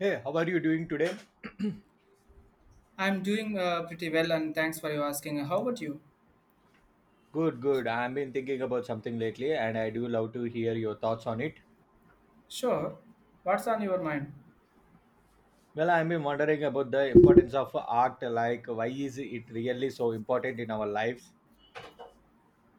Hey, how are you doing today? I'm doing pretty well, and thanks for your asking. How about you? Good, good. I've been thinking about something lately and I do love to hear your thoughts on it. Sure. What's on your mind? Well, I've been wondering about the importance of art, like why is it really so important in our lives?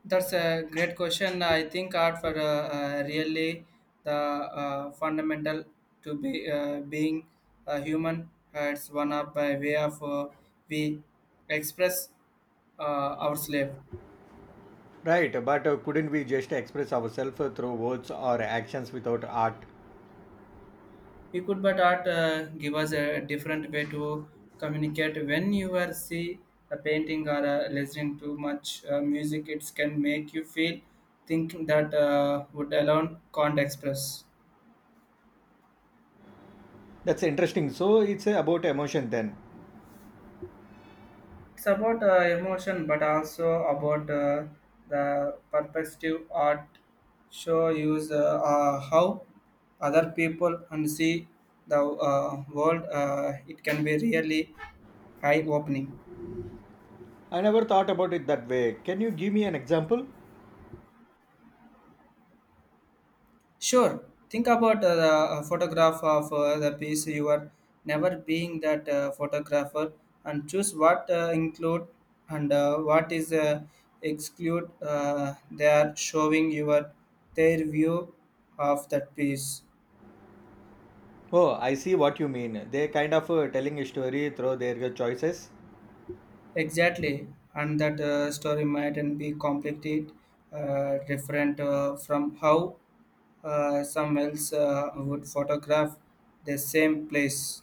That's a great question. I think art for really the fundamental to be being a human. It's one of by way of we express our slave. Right, but couldn't we just express ourselves through words or actions without art? You could but art give us a different way to communicate when you are see a painting or listening to much music. It can make you feel thinking that would alone can't express. That's interesting. So it's about emotion then. It's about emotion, but also about the perspective art show use how other people and see the world. It can be really eye opening. I never thought about it that way. Can you give me an example? Sure. Think about the photograph of the piece you are never being that photographer and choose what include and what is exclude. They are showing your their view of that piece Oh, I see what you mean. They're kind of telling a story through their choices. exactly, and that story might not be completed different from how some else would photograph the same place.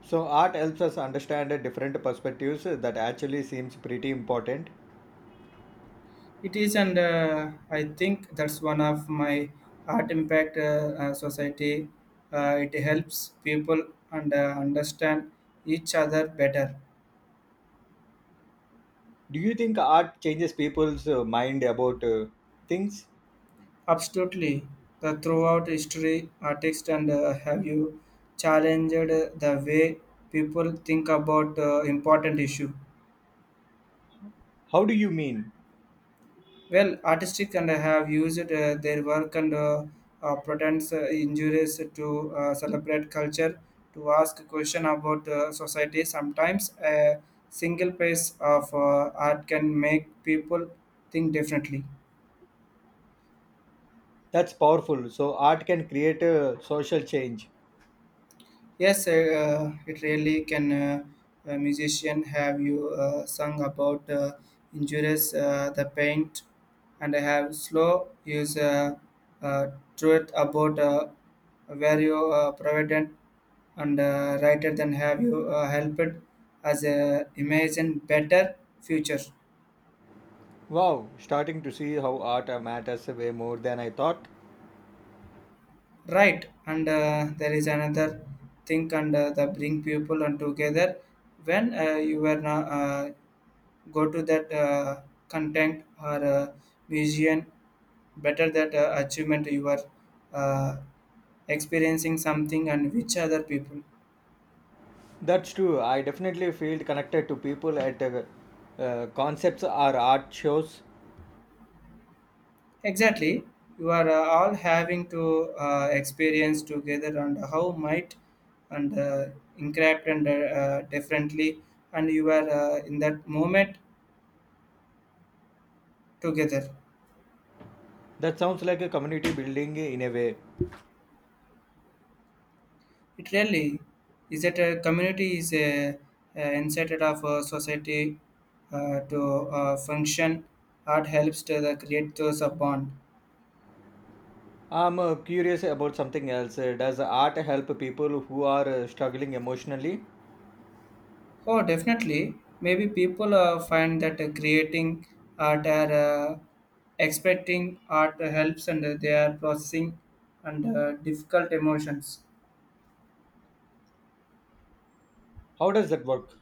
So art helps us understand different perspectives that actually seems pretty important. It is, and I think that's one of my art impact society. It helps people and understand each other better. Do you think art changes people's mind about things? Absolutely, the throughout history, artists and have you challenged the way people think about important issue. How do you mean? Well artistic and have used their work and pretends injuries to celebrate culture to ask question about society sometimes a single piece of art can make people think differently. That's powerful. So art can create a social change. Yes, it really can. A musician, have you sung about injuries, the paint, and I have slow use uh, truth about where you provident and rather than have you helped as a imagine better future. Wow, starting to see how art matters way more than I thought. Right and there is another thing and the bring people and together when you were not go to that content or museum better that achievement you are uh, experiencing something and which other people That's true. I definitely feel connected to people at concepts or art shows. exactly you are all having to experience together and how might and encrypt and differently and you are in that moment together. That sounds like a community building in a way. It really is that a community is a insight of a society to function. Art helps to the create those a bond. I'm curious about something else. Does art help people who are struggling emotionally? Oh, definitely. Maybe people find that creating art are expecting art helps and they are processing and difficult emotions. How does that work?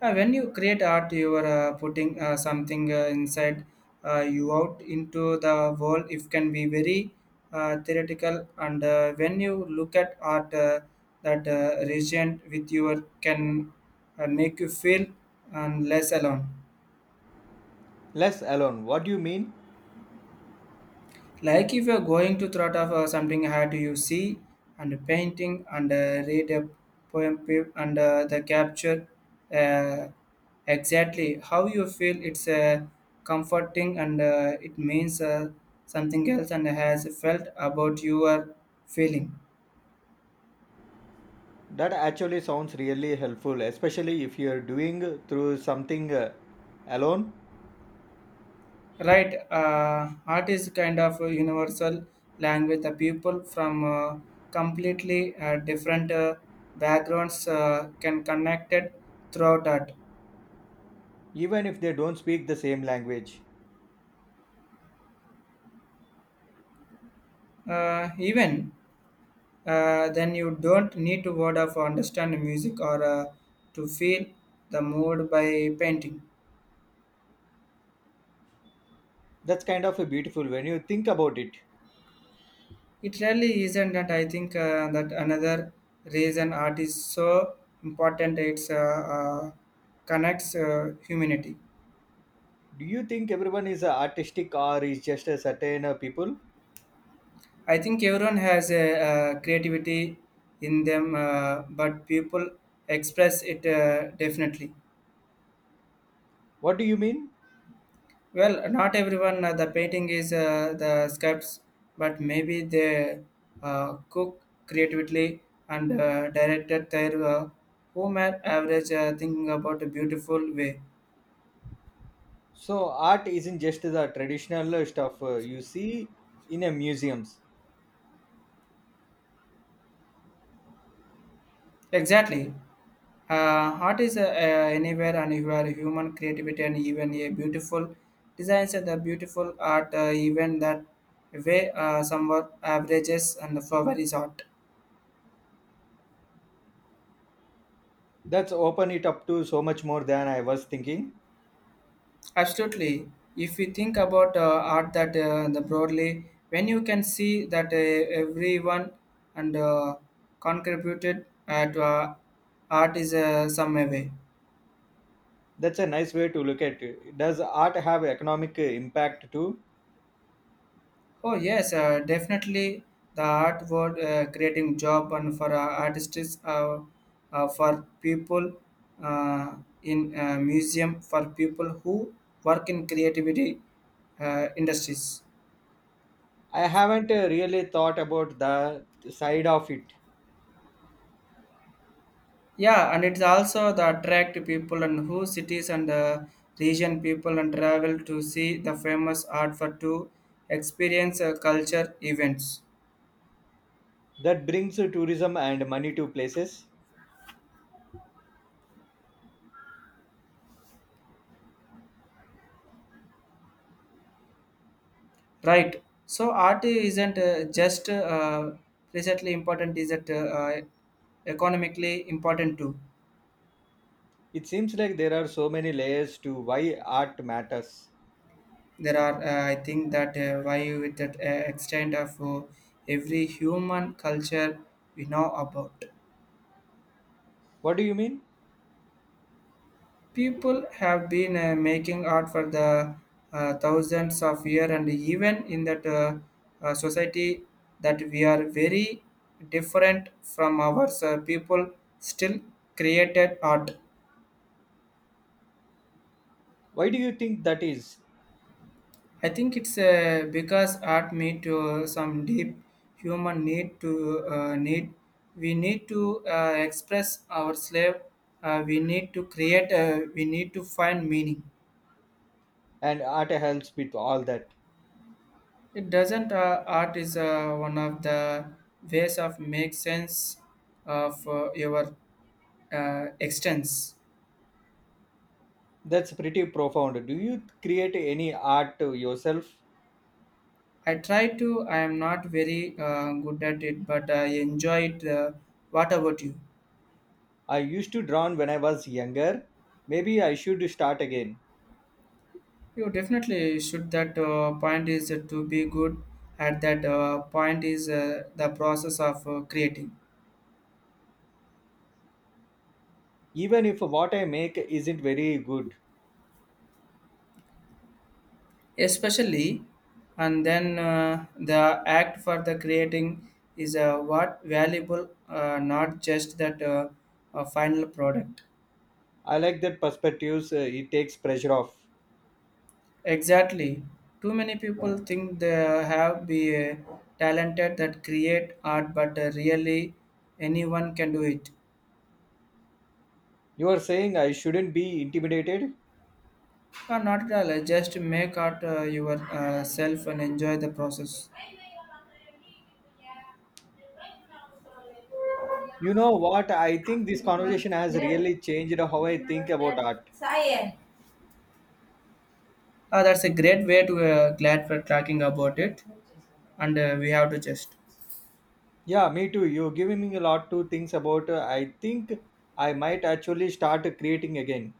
When you create art, you are putting something inside you out into the world. It can be very theoretical, and when you look at art that region with your can make you feel and less alone. Less alone. What do you mean? Like if you're going to thought of something hard you see and painting and read a poem and the capture uh, exactly how you feel it's comforting and it means something else and has felt about your feeling That actually sounds really helpful, especially if you're doing through something alone, right art is kind of a universal language the people from completely different backgrounds can connect it throughout art. even if they don't speak the same language. Even then, you don't need to word of understand the music or to feel the mood by painting. That's kind of beautiful when you think about it. It really isn't that I think that another reason art is so important. It's connects humanity. Do you think everyone is artistic or is just a certain people? I think everyone has a, creativity in them, but people express it definitely. What do you mean? Well, not everyone the painting is the sculpts, but maybe they cook creatively and directed their home at average thinking about a beautiful way. So art isn't just the traditional stuff you see in a museums. Exactly. Art is anywhere and you are human creativity and even a beautiful designs and the beautiful art even that way somewhat averages and the flower is art. That's open it up to so much more than I was thinking. Absolutely. If we think about art that the broadly, when you can see that everyone and contributed to art is some way. That's a nice way to look at it. Does art have economic impact too? Oh yes, definitely the art world creating job and for artists, for people uh, in museum, for people who work in creativity industries. I haven't really thought about the side of it Yeah, and it's also the attract people and who cities and region people and travel to see the famous art for to experience culture events. that brings tourism and money to places. Right. So art isn't just presently important; is it economically important too? It seems like there are so many layers to why art matters. There are, I think, that why with that extent of every human culture we know about. What do you mean? People have been making art for the thousands of years, and even in that society that we are very different from ours, people, still created art. Why do you think that is? I think it's because art meet to some deep human need to need. We need to express our slave. We need to create. We need to find meaning. And art helps with all that. It doesn't. Art is one of the ways of make sense of your extents. That's pretty profound. Do you create any art yourself? I try to. I am not very good at it, but I enjoy it. What about you? I used to draw when I was younger. Maybe I should start again. You definitely should. That point is to be good at that point is the process of creating. Even if what I make isn't very good. Especially and then the act for the creating is what valuable not just that final product I like that perspectives, it takes pressure off. exactly too many people think they have be talented that create art but really anyone can do it. You are saying I shouldn't be intimidated? Not at all. Just make art yourself and enjoy the process. You know what? I think this conversation has really changed how I think about art. That's a great way to glad for talking about it. And we have to just. Yeah, me too. You're giving me a lot to think about. I think I might actually start creating again.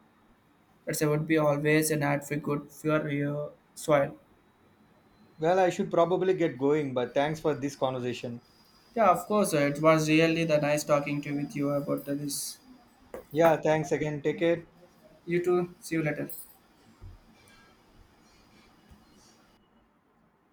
That's it would be always an ad for good for your soil. Well, I should probably get going, but thanks for this conversation. Yeah, of course. It was really the nice talking to with you about this. Yeah, thanks again. Take care. You too. See you later.